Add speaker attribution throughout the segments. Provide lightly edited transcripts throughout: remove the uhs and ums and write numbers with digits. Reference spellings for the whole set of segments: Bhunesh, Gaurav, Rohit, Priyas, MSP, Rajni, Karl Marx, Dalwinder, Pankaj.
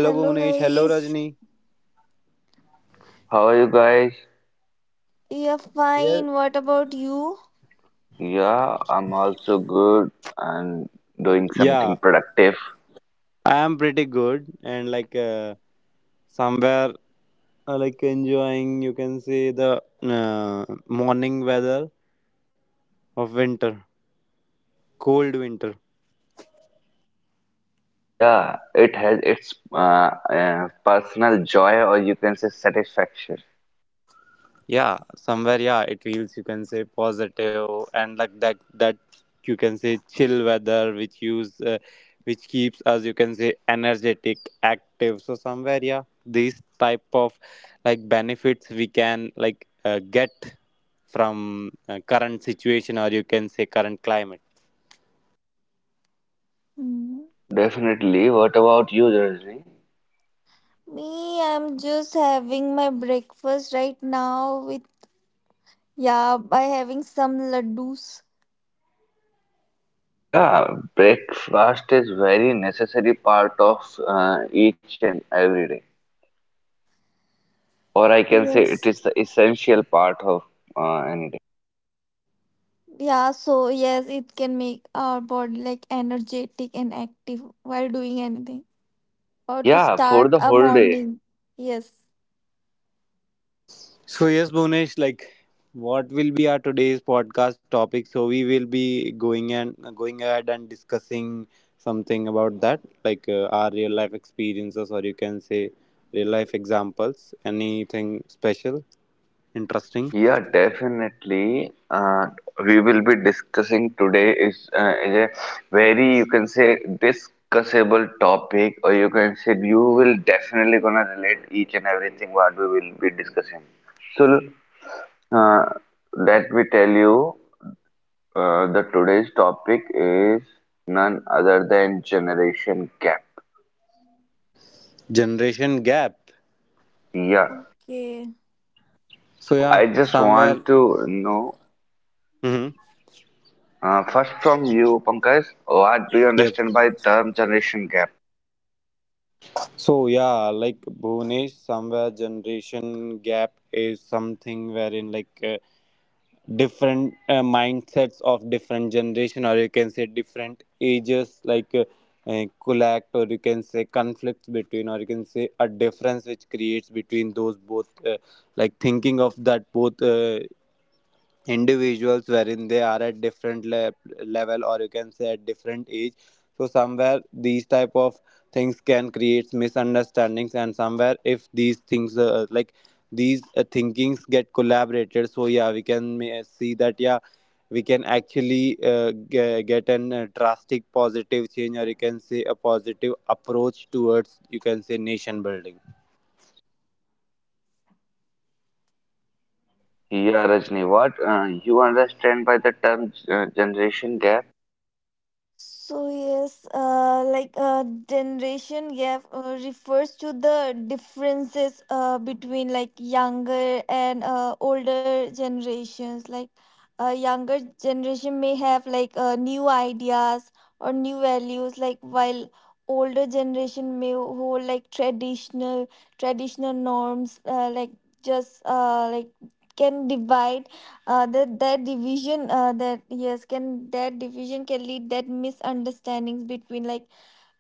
Speaker 1: Hey, hello Bhunesh. Hello
Speaker 2: guys,
Speaker 1: Rajni.
Speaker 3: How are you guys?
Speaker 2: yeah
Speaker 1: Yeah.
Speaker 2: fine. What about you?
Speaker 3: Yeah, I'm also good and doing something
Speaker 1: Yeah,
Speaker 3: productive.
Speaker 1: I am pretty good and somewhere like enjoying. You can see the uh, morning weather of winter, cold winter.
Speaker 3: Yeah, it has its personal joy, or you can say satisfaction.
Speaker 1: Yeah, somewhere, yeah, it feels, you can say, positive, and like that that you can say chill weather which use which keeps us, you can say, energetic, active, so somewhere, yeah, these type of like benefits we can get from current situation or you can say current climate.
Speaker 2: Hmm.
Speaker 3: Definitely. What about you, Rajni?
Speaker 2: Me, I'm just having my breakfast right now with yeah by having some laddus.
Speaker 3: Yeah, breakfast is very necessary part of each and every day, or I can say it
Speaker 2: Yes.
Speaker 3: is the essential part of any day.
Speaker 2: Yeah, so yes, it can make our body like energetic and active while doing anything or to
Speaker 3: Yeah, for
Speaker 2: start
Speaker 3: the
Speaker 2: a
Speaker 3: whole day.
Speaker 2: morning. Yes.
Speaker 1: So yes, Bhunesh, like what will be our today's podcast topic? So we will be going and going ahead and discussing something about that, our real life experiences, or you can say real life examples. Anything special, interesting?
Speaker 3: Yeah, definitely. We will be discussing today is a very, you can say, discussable topic, or you can say you will definitely gonna relate each and everything what we will be discussing. So, uh, let me tell you, the today's topic is none other than generation gap.
Speaker 1: Generation gap.
Speaker 3: Yeah.
Speaker 2: Okay.
Speaker 1: So
Speaker 3: So I
Speaker 1: yeah,
Speaker 3: just
Speaker 1: somewhere.
Speaker 3: want to know.
Speaker 1: Hmm.
Speaker 3: First from you, Pankaj, what do you
Speaker 1: Yep.
Speaker 3: understand by term generation gap?
Speaker 1: So yeah, like Bhunesh, somewhere generation gap is something wherein different mindsets of different generation or you can say different ages collect or you can say conflicts between or you can say a difference which creates between those both like thinking of that both individuals wherein they are at different level or you can say at different age, so somewhere these type of things can create misunderstandings, and somewhere if these things like these thinkings get collaborated, so yeah, we can see that yeah, we can actually get an drastic positive change or you can say a positive approach towards, you can say, nation building.
Speaker 3: Yeah, Rajni, what you understand by the term generation gap?
Speaker 2: So yes, generation gap refers to the differences between like younger and older generations. Like a younger generation may have like new ideas or new values, like while older generation may hold like traditional norms. Like can divide that division that yes can that division can lead that misunderstandings between like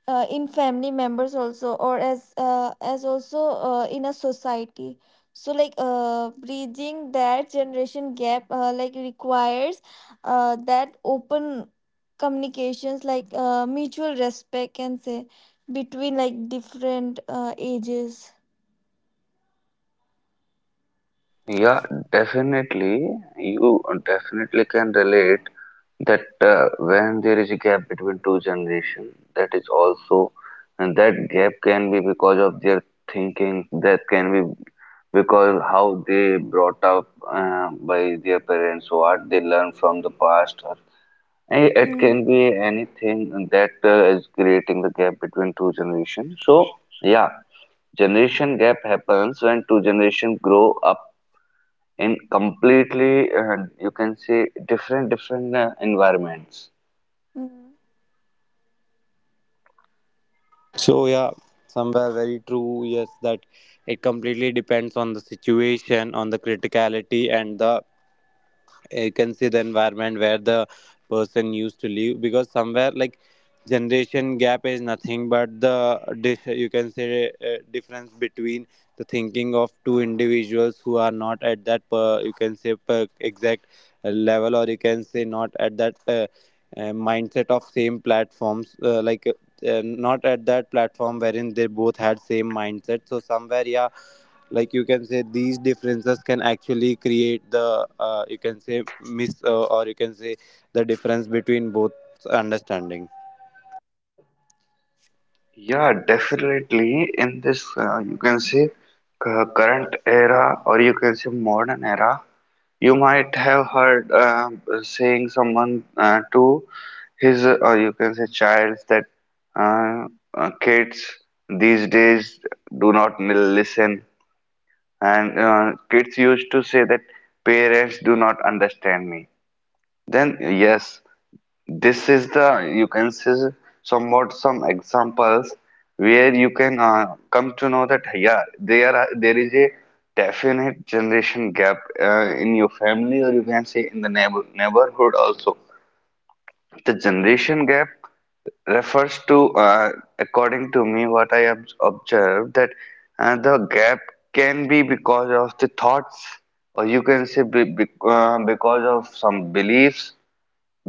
Speaker 2: uh, in family members also or as also in a society so like bridging that generation gap like requires that open communications like mutual respect can say between like different ages.
Speaker 3: Yeah, definitely, you definitely can relate that when there is a gap between two generations, that is also, and that gap can be because of their thinking, that can be because how they brought up by their parents, what they learn from the past, or it
Speaker 2: Mm.
Speaker 3: can be anything that is creating the gap between two generations. So, yeah, generation gap happens when two generations grow up in completely, you can say, different environments.
Speaker 2: Mm.
Speaker 1: So yeah, somewhere very true. Yes, that it completely depends on the situation, on the criticality, and the you can see the environment where the person used to live, because somewhere like generation gap is nothing but the you can say difference between the thinking of two individuals who are not at that per, you can say per exact level or you can say not at that mindset of same platforms not at that platform wherein they both had same mindset, so somewhere yeah, like you can say these differences can actually create the you can say miss or you can say the difference between both understanding.
Speaker 3: Yeah, definitely. In this, you can say, current era, or you can say modern era, you might have heard saying someone to his, or you can say child that uh, kids these days do not listen, and kids used to say that parents do not understand me. Then yes, this is the you can see somewhat some examples where you can come to know that yeah there is a definite generation gap in your family, or you can say in the neighborhood also. The generation gap refers to, according to me, what I have observed that the gap can be because of the thoughts, or you can say because of some beliefs,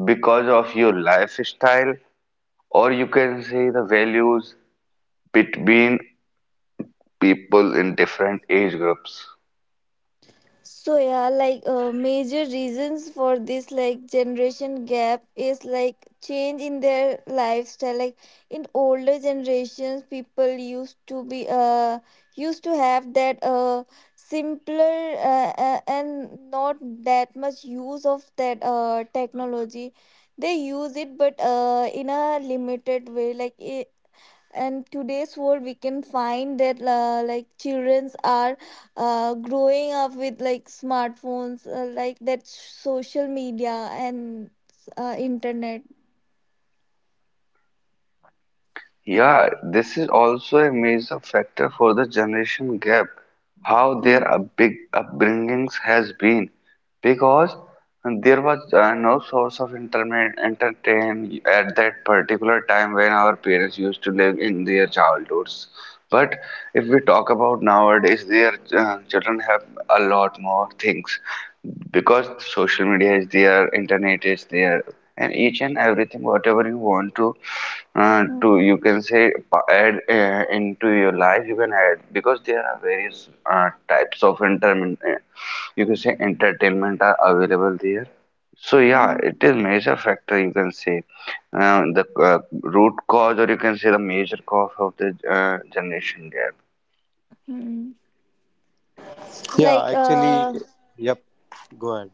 Speaker 3: because of your lifestyle, or you can say the values between people in different age groups.
Speaker 2: So yeah, like major reasons for this like generation gap is like change in their lifestyle. Like in older generations, people used to have that simpler and not that much use of that technology. They use it, but in a limited way. Like I and today's world we can find that like childrens are growing up with like smartphones like that social media and internet.
Speaker 3: Yeah, this is also a major factor for the generation gap, how
Speaker 2: Hmm.
Speaker 3: their big upbringings has been, because there was no source of entertainment entertain at that particular time when our parents used to live in their childhoods. But if we talk about nowadays, their children have a lot more things because social media is there, internet is there, and each and everything whatever you want to
Speaker 2: Hmm.
Speaker 3: you can say add into your life you can add, because there are various types of entertainment, you can say entertainment are available there. So yeah,
Speaker 2: Hmm.
Speaker 3: it is major factor, you can say, the root cause, or you can say the major cause of the generation gap.
Speaker 2: Hmm. Hmm.
Speaker 1: Yeah,
Speaker 2: like
Speaker 1: actually,
Speaker 2: uh
Speaker 1: yep, go ahead.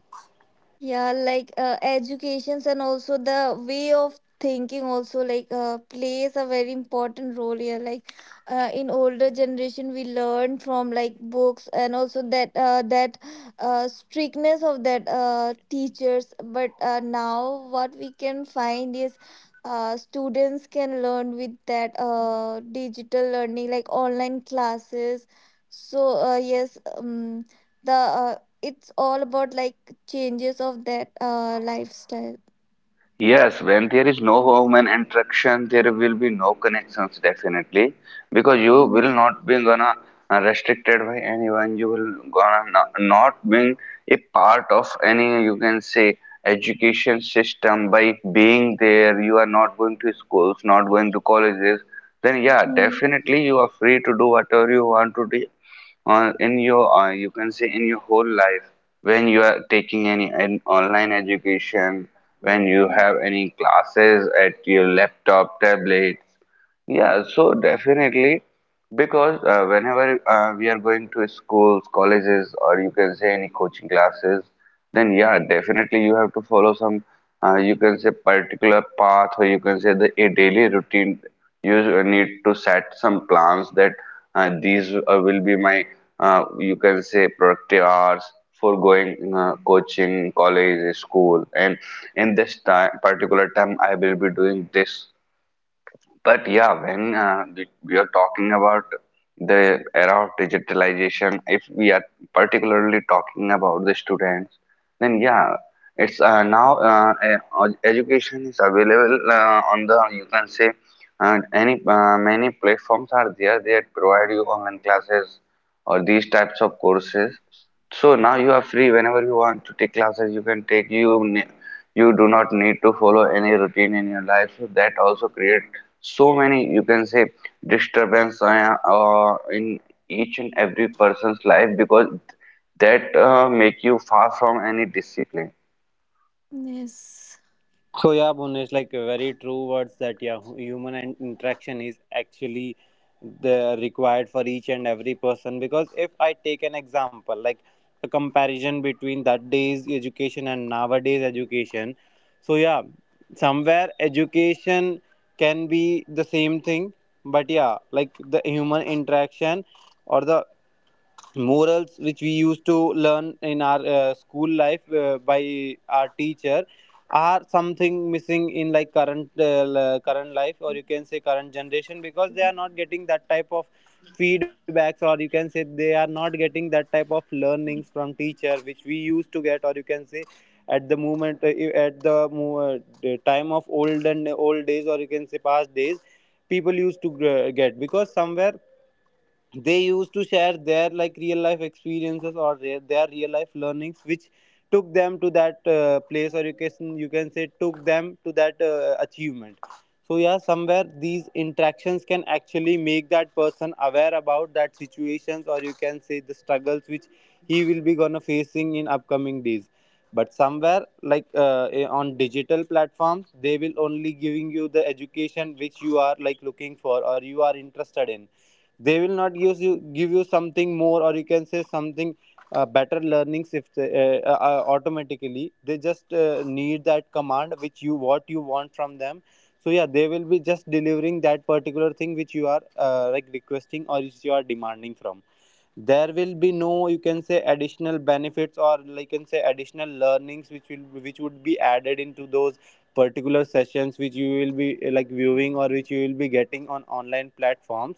Speaker 2: Yeah, like educations and also the way of thinking also like plays a very important role here. Like in older generation, we learn from like books and also that strictness of that teachers. But now what we can find is students can learn with that digital learning, like online classes. So yes, the it's all about like changes of that lifestyle.
Speaker 3: Yes, when there is no human interaction, there will be no connections definitely, because you
Speaker 2: Mm.
Speaker 3: will not be gonna restricted by anyone. You will gonna not being a part of any you can say education system by being there. You are not going to schools, not going to colleges. Then yeah,
Speaker 2: Mm.
Speaker 3: definitely you are free to do whatever you want to do or in your you can say in your whole life, when you are taking any an online education, when you have any classes at your laptop tablet. Yeah, so definitely, because whenever we are going to schools, colleges, or you can say any coaching classes, then yeah, definitely you have to follow some, you can say particular path, or you can say the a daily routine. You need to set some plans that these will be my, you can say productive hours for going coaching, college, school, and in this time, particular time, I will be doing this. But yeah, when we are talking about the era of digitalization, if we are particularly talking about the students, then yeah, it's now education is available on the you can say any many platforms are there that provide you online classes or these types of courses. So now you are free whenever you want to take classes, you can take you do not need to follow any routine in your life. So that also create so many you can say disturbance in each and every person's life because that make you far from any discipline.
Speaker 2: Yes.
Speaker 1: So yeah, Bhunesh, like very true words that yeah, human interaction is actually the required for each and every person. Because if I take an example, like a comparison between that day's education and nowadays education, so yeah, somewhere education can be the same thing, but yeah, like the human interaction or the morals which we used to learn in our school life by our teacher are something missing in like current current life or you can say current generation, because they are not getting that type of feedbacks, or you can say they are not getting that type of learnings from teacher which we used to get, or you can say at the moment the time of old and old days or you can say past days, people used to get, because somewhere they used to share their like real life experiences or their real life learnings which took them to that place or you can say took them to that achievement. So yeah, somewhere these interactions can actually make that person aware about that situations, or you can say the struggles which he will be gonna facing in upcoming days. But somewhere on digital platforms they will only giving you the education which you are like looking for or you are interested in. They will not give you give you something more, or you can say something better learnings if they, automatically they just need that command which you what you want from them. So yeah, they will be just delivering that particular thing which you are like requesting or which you are demanding from. There will be no you can say additional benefits or like you can say additional learnings which will which would be added into those particular sessions which you will be like viewing or which you will be getting on online platforms.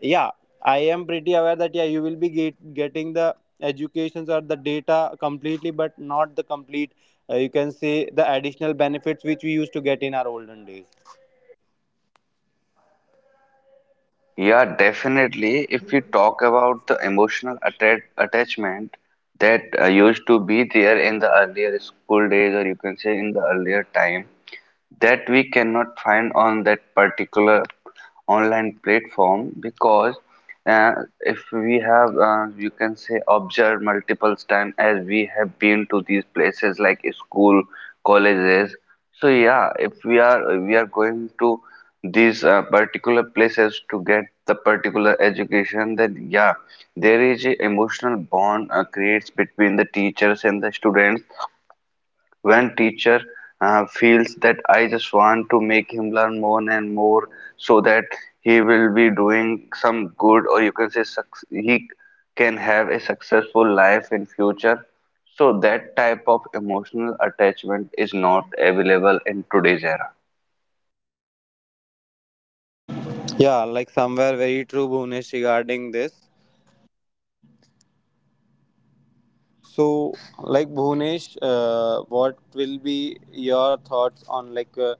Speaker 1: Yeah, I am pretty aware that yeah, you will be getting the educations or the data completely, but not the complete you can say the additional benefits which we used to get in our olden days.
Speaker 3: Yeah, definitely. If you talk about the emotional attachment that used to be there in the earlier school days, or you can say in the earlier time, that we cannot find on that particular online platform because uh, if we have you can say observed multiple times as we have been to these places like school, colleges. So yeah, if we are going to these particular places to get the particular education, then yeah, there is a emotional bond creates between the teachers and the students. When teacher feels that I just want to make him learn more and more so that he will be doing some good, or you can say he can have a successful life in future. So that type of emotional attachment is not available in today's era.
Speaker 1: Yeah, like somewhere very true, Bhunesh, regarding this. So, like Bhunesh, what will be your thoughts on like uh,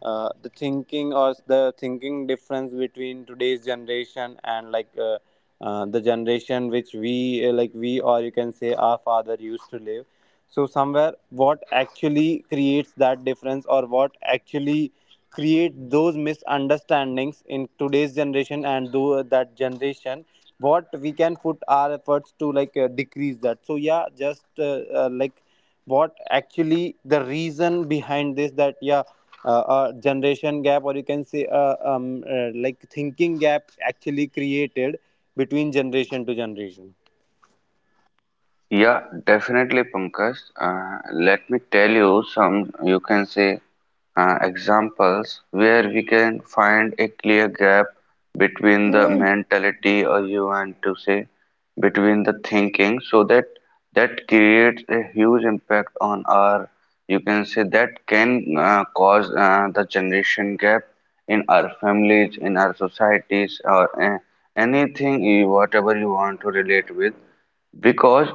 Speaker 1: uh, the thinking or the thinking difference between today's generation and the generation which we like we or you can say our father used to live? So, somewhere what actually creates that difference or what actually create those misunderstandings in today's generation and do that generation what we can put our efforts to decrease that? So yeah, just like what actually the reason behind this that yeah, generation gap or you can say like thinking gap actually created between generation to generation.
Speaker 3: Yeah, definitely, Pankaj. Let me tell you some, you can say examples where we can find a clear gap between the
Speaker 2: Mm.
Speaker 3: mentality, or you want to say between the thinking, so that that creates a huge impact on our you can say that can cause the generation gap in our families, in our societies, or anything you, whatever you want to relate with. Because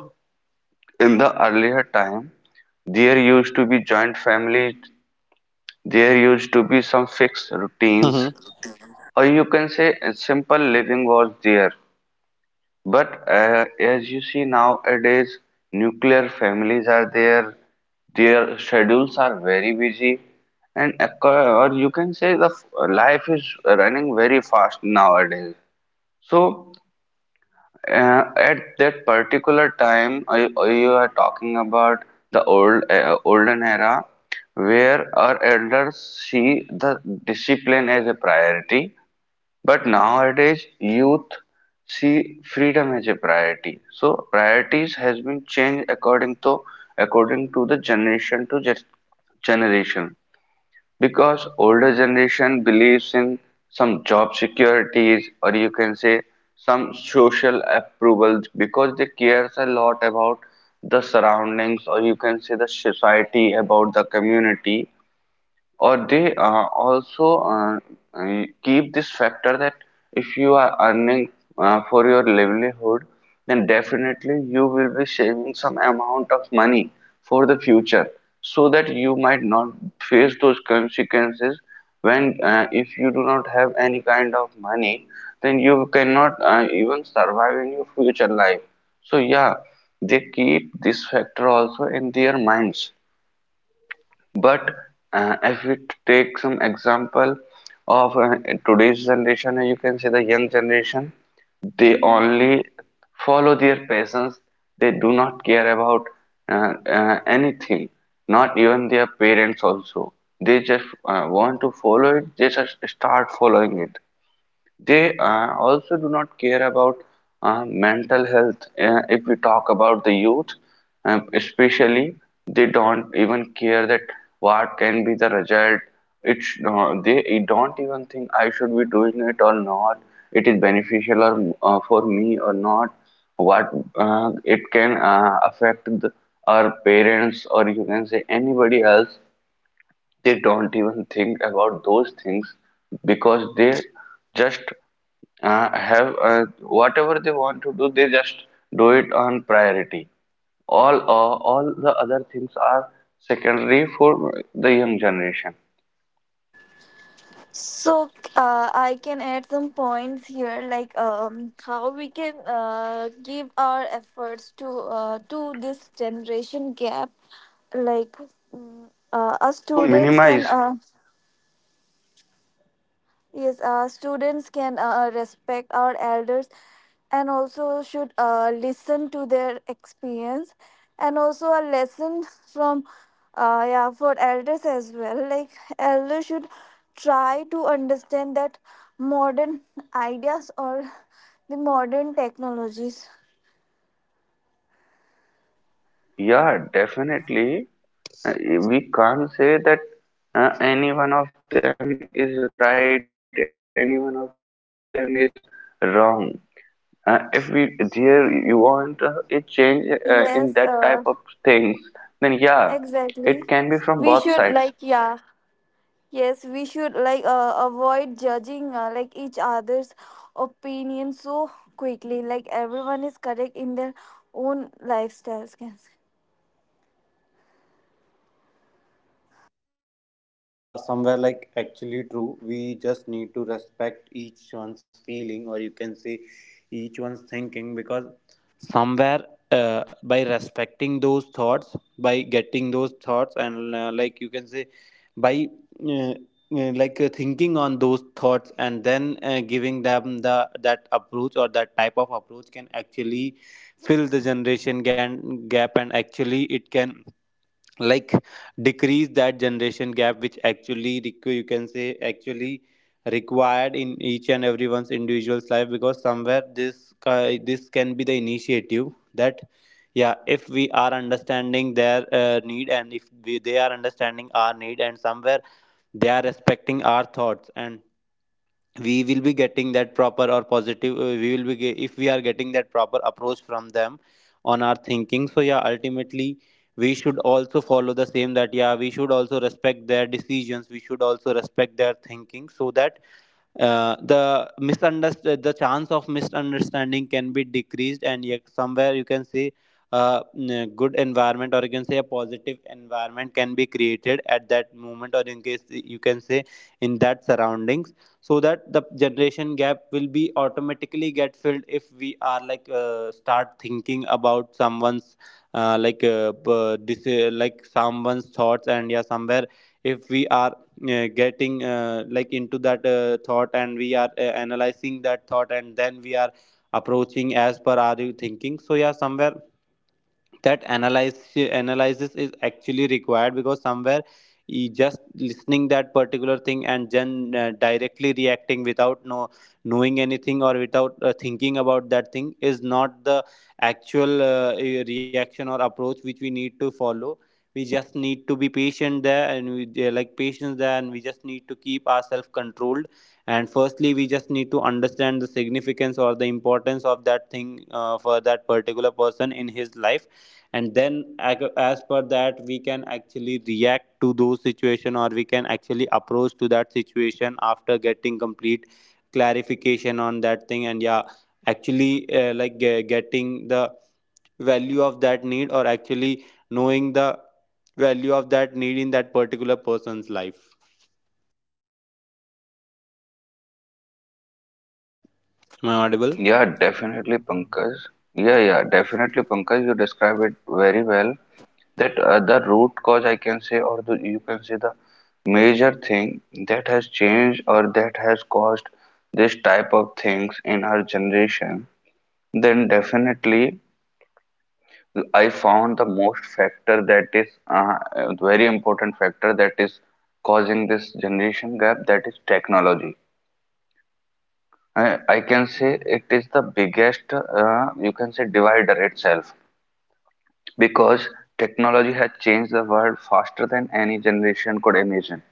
Speaker 3: in the earlier time there used to be joint families, there used to be some fixed routines,
Speaker 1: Mhm.
Speaker 3: or you can say simple living was there. But as you see nowadays, nuclear families are there, their schedules are very busy, and or you can say the life is running very fast nowadays. So at that particular time, you are talking about the olden era, where our elders see the discipline as a priority, but nowadays youth see freedom as a priority. So priorities has been changed according to the generation, because older generation believes in some job securities, or you can say some social approval, because they cares a lot about the surroundings, or you can say the society, about the community, or they also keep this factor that if you are earning for your livelihood, then definitely you will be saving some amount of money for the future, so that you might not face those consequences when if you do not have any kind of money, then you cannot even survive in your future life. So yeah, they keep this factor also in their minds. But if we take some example of today's generation, you can say the young generation, they
Speaker 2: Mm.
Speaker 3: only follow their passions. They do not care about anything, not even their parents also. They just want to follow it, they just start following it. They also do not care about mental health. If we talk about the youth, especially, they don't even care that what can be the result. It's they don't even think I should be doing it or not. It is beneficial or for me or not. What it can affect the, our parents, or you can say anybody else, they don't even think about those things, because they just have whatever they want to do, they just do it on priority. All the other things are secondary for the young generation.
Speaker 2: So I can add some points here, like how we can give our efforts to to this generation gap, like mm, us
Speaker 3: To
Speaker 2: students can.
Speaker 3: minimize,
Speaker 2: Yes, students can respect our elders and also should listen to their experience and also a lesson from yeah for elders as well, like elders should try to understand that modern ideas or the modern technologies.
Speaker 3: yeah, definitely, uh, we can't say that any one of them is right, any one of them is wrong. If we there you want a change in
Speaker 2: Yes,
Speaker 3: that type of things, then yeah,
Speaker 2: exactly,
Speaker 3: it can be
Speaker 2: we
Speaker 3: from
Speaker 2: should
Speaker 3: both
Speaker 2: like
Speaker 3: sides.
Speaker 2: yeah, yes, we should like avoid judging like each other's opinion so quickly. Like everyone is correct in their own lifestyles. Can
Speaker 1: So yeah, somewhere like actually true. We just need to respect each one's feeling, or you can say each one's thinking, because somewhere by respecting those thoughts, by getting those thoughts, and like you can say by uh, uh, thinking on those thoughts, and then giving them the that approach or that type of approach can actually fill the gap, and actually it can like decrease that generation gap which actually you can say actually required in each and everyone's individual's life, because somewhere this this can be the initiative that yeah, if we are understanding their need, and if we, they are understanding our need, and somewhere they are respecting our thoughts, and we will be getting that proper or positive we will be ge- if we are getting that proper approach from them on our thinking, so yeah, ultimately we should also follow the same that yeah, we should also respect their decisions, we should also respect their thinking, so that the chance of misunderstanding can be decreased, and yet somewhere you can see uh, a good environment or you can say a positive environment can be created at that moment or in case you can say in that surroundings, so that the generation gap will be automatically get filled if we are start thinking about someone's like someone's thoughts, and yeah, somewhere if we are getting like into that thought, and we are analyzing that thought, and then we are approaching as per our thinking, so yeah, somewhere that analyze analysis is actually required, because somewhere just listening that particular thing and then directly reacting without knowing anything or without thinking about that thing is not the actual reaction or approach which we need to follow. We just need to be patient there, and we yeah, like patience there, and we just need to keep ourselves controlled, and firstly we just need to understand the significance or the importance of that thing for that particular person in his life, and then as per that we can actually react to those situation or we can actually approach to that situation after getting complete clarification on that thing, and yeah, actually getting the value of that need or actually knowing the value of that need in that particular person's life. Am I audible?
Speaker 3: Yeah, definitely, Pankaj. Yeah, yeah, definitely, Pankaj. You describe it very well. That the root cause I can say, or the, you can say the major thing that has changed or that has caused this type of things in our generation, then definitely. I found the most factor that is a very important factor that is causing this generation gap, that is technology. I can say it is the biggest you can say divider itself, because technology has changed the world faster than any generation could imagine.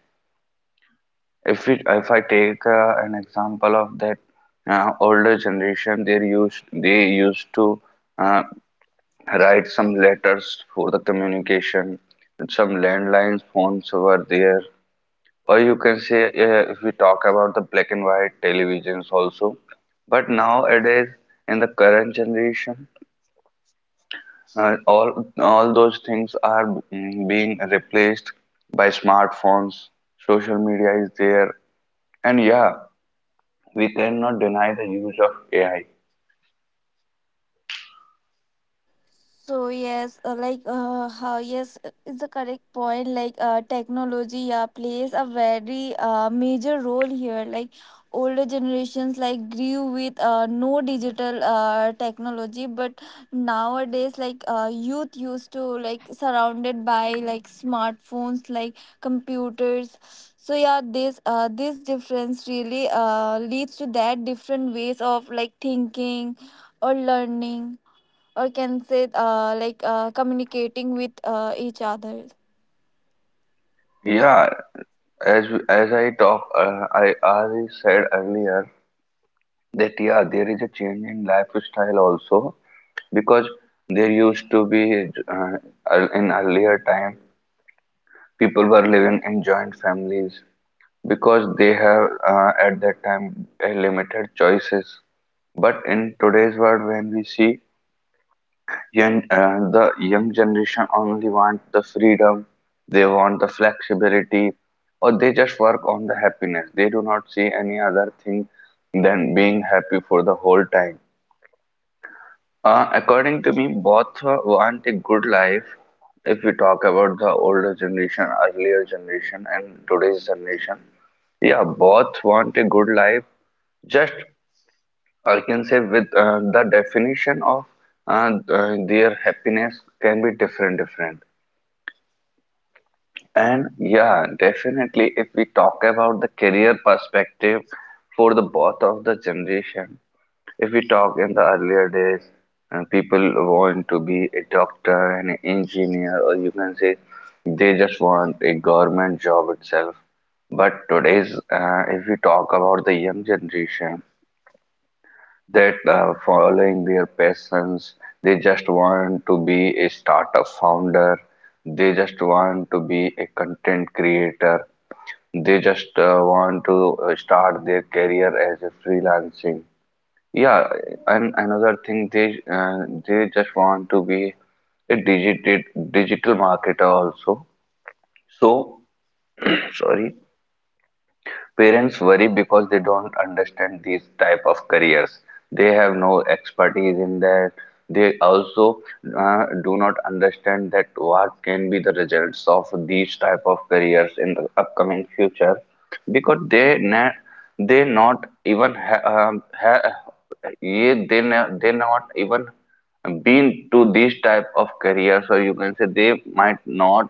Speaker 3: If I take an example of that older generation, they used to uh, write some letters for the communication. Some landline phones were there, or you can say if we talk about the black and white televisions also. But nowadays, in the current generation, all those things are being replaced by smartphones. Social media is there, and yeah, we cannot deny the use of AI.
Speaker 2: so yes, how yes, it's a correct point. Like technology plays a very major role here. Like older generations like grew with no digital technology, but nowadays like youth used to like surrounded by like smartphones, like computers. So yeah, this this difference really leads to that different ways of like thinking or learning or can say communicating with each other.
Speaker 3: Yeah, as I talk, I already said earlier that yeah, there is a change in lifestyle also, because there used to be uh, in earlier time people were living in joint families, because they have at that time a limited choices. But in today's world, when we see young the young generation only want the freedom, they want the flexibility, or they just work on the happiness. They do not see any other thing than being happy for the whole time. According to me, both want a good life. If we talk about the older generation, earlier generation, and today's generation, yeah, both want a good life. Just I can say with the definition of their happiness can be different, different. And yeah, definitely, if we talk about the career perspective for the both of the generation, if we talk in the earlier days, and people want to be a doctor, and an engineer, or you can say they just want a government job itself. But today's, if we talk about the young generation, that following their passions, they just want to be a startup founder, they just want to be a content creator, they just want to start their career as a freelancing, yeah, and another thing, they just want to be a digital marketer also. So sorry. Parents worry because they don't understand these type of careers. They have no expertise in that. They also do not understand that what can be the results of these type of careers in the upcoming future, because they not even ha- ha- ye they na- they not even been to these type of careers, or you can say they might not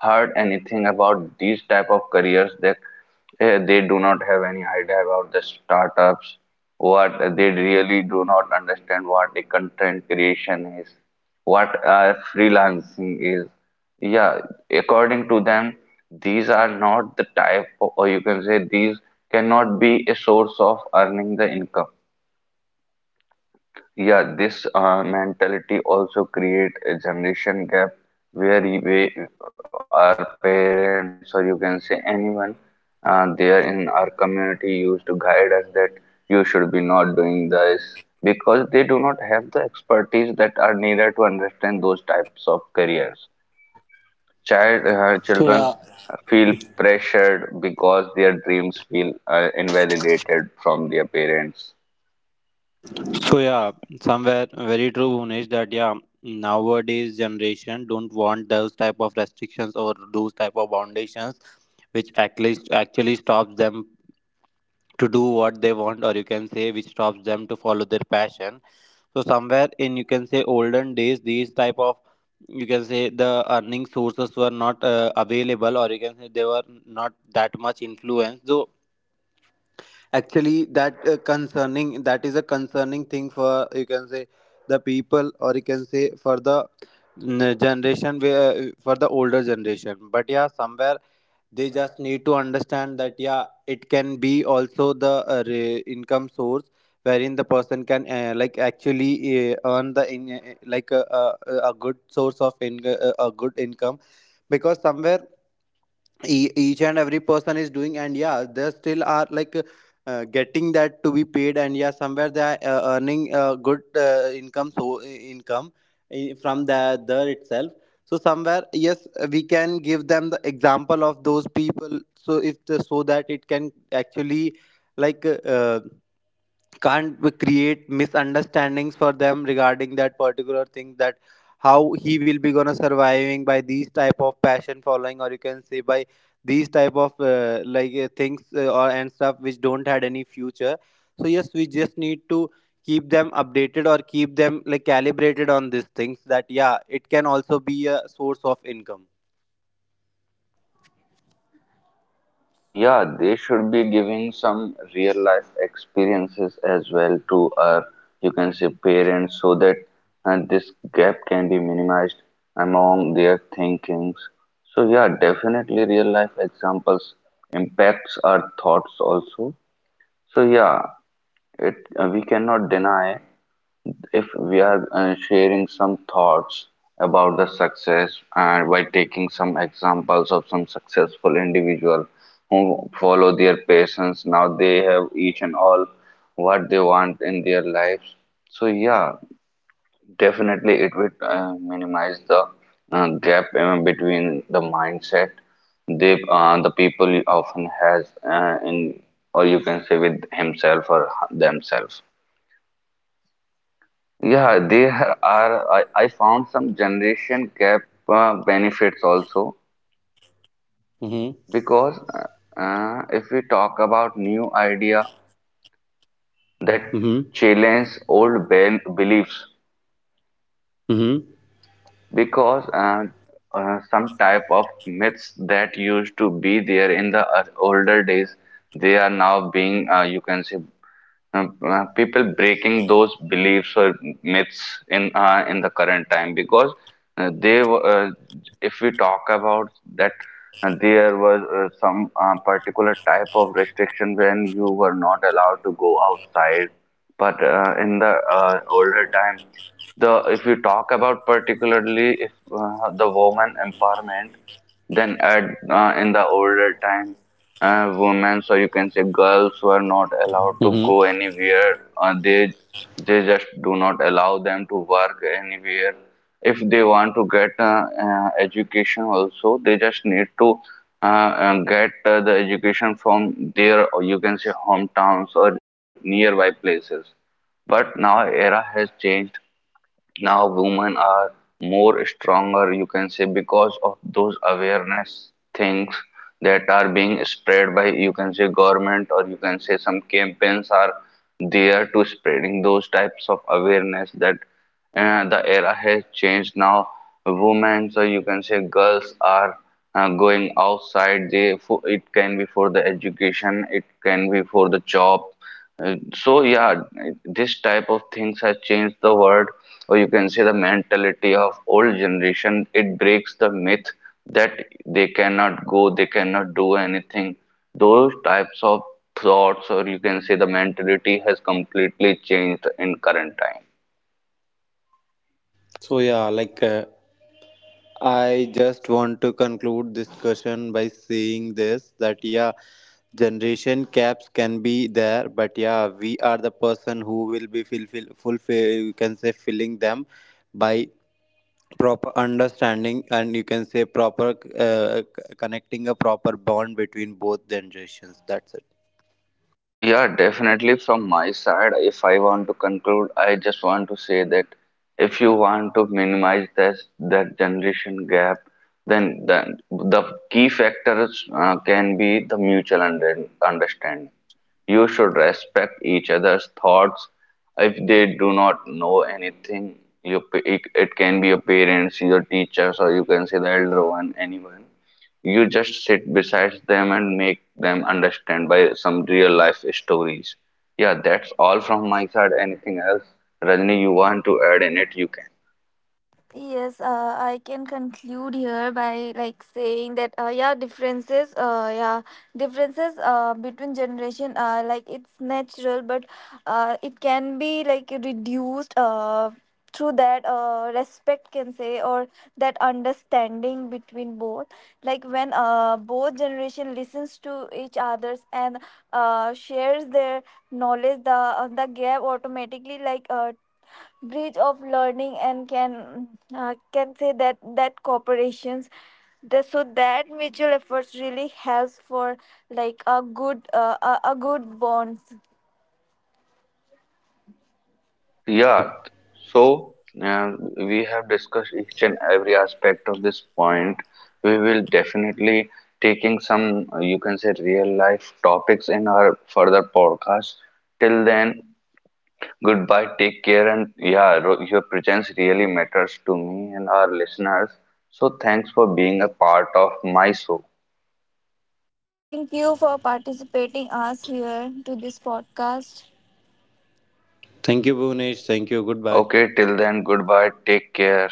Speaker 3: heard anything about these type of careers that. Eh, they do not have any idea about the startups, what they really do not understand what a content creation is, what freelancing is, yeah, according to them, these are not the type or you can say these cannot be a source of earning the income. Yeah, this mentality also create a generation gap, where we, our parents, or you can say anyone there in our community, used to guide us that you should be not doing this, because they do not have the expertise that are needed to understand those types of careers.
Speaker 1: So
Speaker 3: Children
Speaker 1: yeah,
Speaker 3: feel pressured because their dreams feel invalidated from their parents.
Speaker 1: so yeah, somewhere very true, Bhunesh, that yeah, nowadays generation don't want those type of restrictions or those type of foundations which actually stops them to do what they want, or you can say which stops them to follow their passion. So somewhere in you can say olden days these type of you can say the earning sources were not available, or you can say they were not that much influenced, so actually that concerning that is a concerning thing for you can say the people or you can say for the generation where for the older generation. But yeah, somewhere they just need to understand that yeah, it can be also the income source wherein the person can like actually earn the in, like a good source of a good income, because somewhere each and every person is doing, and yeah, they still are like getting that to be paid, and yeah, somewhere they are earning good income, so from the there itself. So somewhere, yes, we can give them the example of those people, so if the, so that it can actually like uh, can't we create misunderstandings for them regarding that particular thing that how he will be gonna surviving by these type of passion following, or you can say by these type of things or and stuff which don't had any future. So yes, we just need to keep them updated or keep them like calibrated on these things that yeah, it can also be a source of income.
Speaker 3: Yeah, they should be giving some real life experiences as well to our, you can say, parents, so that this gap can be minimized among their thinkings. So, yeah, definitely real life examples impacts our thoughts also. So, yeah, it we cannot deny if we are sharing some thoughts about the success and by taking some examples of some successful individual who follow their passions, now they have each and all what they want in their lives. So yeah, definitely it would minimize the gap between the mindset they the people often has in, or you can say, with himself or themselves. Yeah, there are. I found some generation gap benefits also,
Speaker 1: Mm-hmm.
Speaker 3: because if we talk about new idea that
Speaker 1: Mm-hmm.
Speaker 3: challenge old beliefs,
Speaker 1: Mm-hmm.
Speaker 3: because some type of myths that used to be there in the older days, they are now being you can say people breaking those beliefs or myths in the current time, because uh, they were- uh, if we talk about that there was some particular type of restriction when you were not allowed to go outside. But in the older time, the if you talk about particularly if the woman empowerment, then at in the older time, women, or you can say girls, were not allowed to
Speaker 1: Mm-hmm.
Speaker 3: go anywhere. They just do not allow them to work anywhere. If they want to get education also, they just need to get the education from their, or you can say, hometowns or nearby places. But now era has changed, now women are more stronger, you can say, because of those awareness things that are being spread by, you can say, government, or you can say some campaigns are there to spreading those types of awareness that the era has changed now. Women, so you can say girls are going outside. They for, it can be for the education, it can be for the job, so yeah, this type of things has changed the world, or you can say the mentality of old generation. It breaks the myth that they cannot go, they cannot do anything. Those types of thoughts, or you can say the mentality, has completely changed in current time.
Speaker 1: So yeah, I just want to conclude this discussion by saying this that yeah, generation gaps can be there, but yeah, we are the person who will be fulfill you can say filling them by proper understanding and you can say proper connecting a proper bond between both generations. That's it.
Speaker 3: Yeah, definitely from my side, if I want to conclude, I just want to say that if you want to minimize this that generation gap, then the key factors can be the mutual understanding. You should respect each other's thoughts. If they do not know anything, you, it can be your parents, your teachers, or you can say the elder one, anyone, you just sit beside them and make them understand by some real life stories. Yeah, that's all from my side. Anything else, Rajni, you want to add in it, you can.
Speaker 2: Yes, I can conclude here by like saying that yeah, differences between generation like it's natural, but it can be like reduced through that respect can say or that understanding between both. Like when both generation listens to each others and shares their knowledge, the gap automatically like bridge of learning and can say that that cooperations, the, so that mutual efforts really helps for like a good a good bonds.
Speaker 3: Yeah,
Speaker 1: Yep.
Speaker 3: so uh, we have discussed each and every aspect of this point. We will definitely taking some, you can say, real life topics in our further podcast. Till then, goodbye, take care, and yeah, your presence really matters to me and our listeners. So, thanks for being a part of my show.
Speaker 2: Thank you for participating us here to this podcast.
Speaker 1: Thank you, Bhunesh. Thank you. Goodbye.
Speaker 3: Okay, till then, goodbye, take care.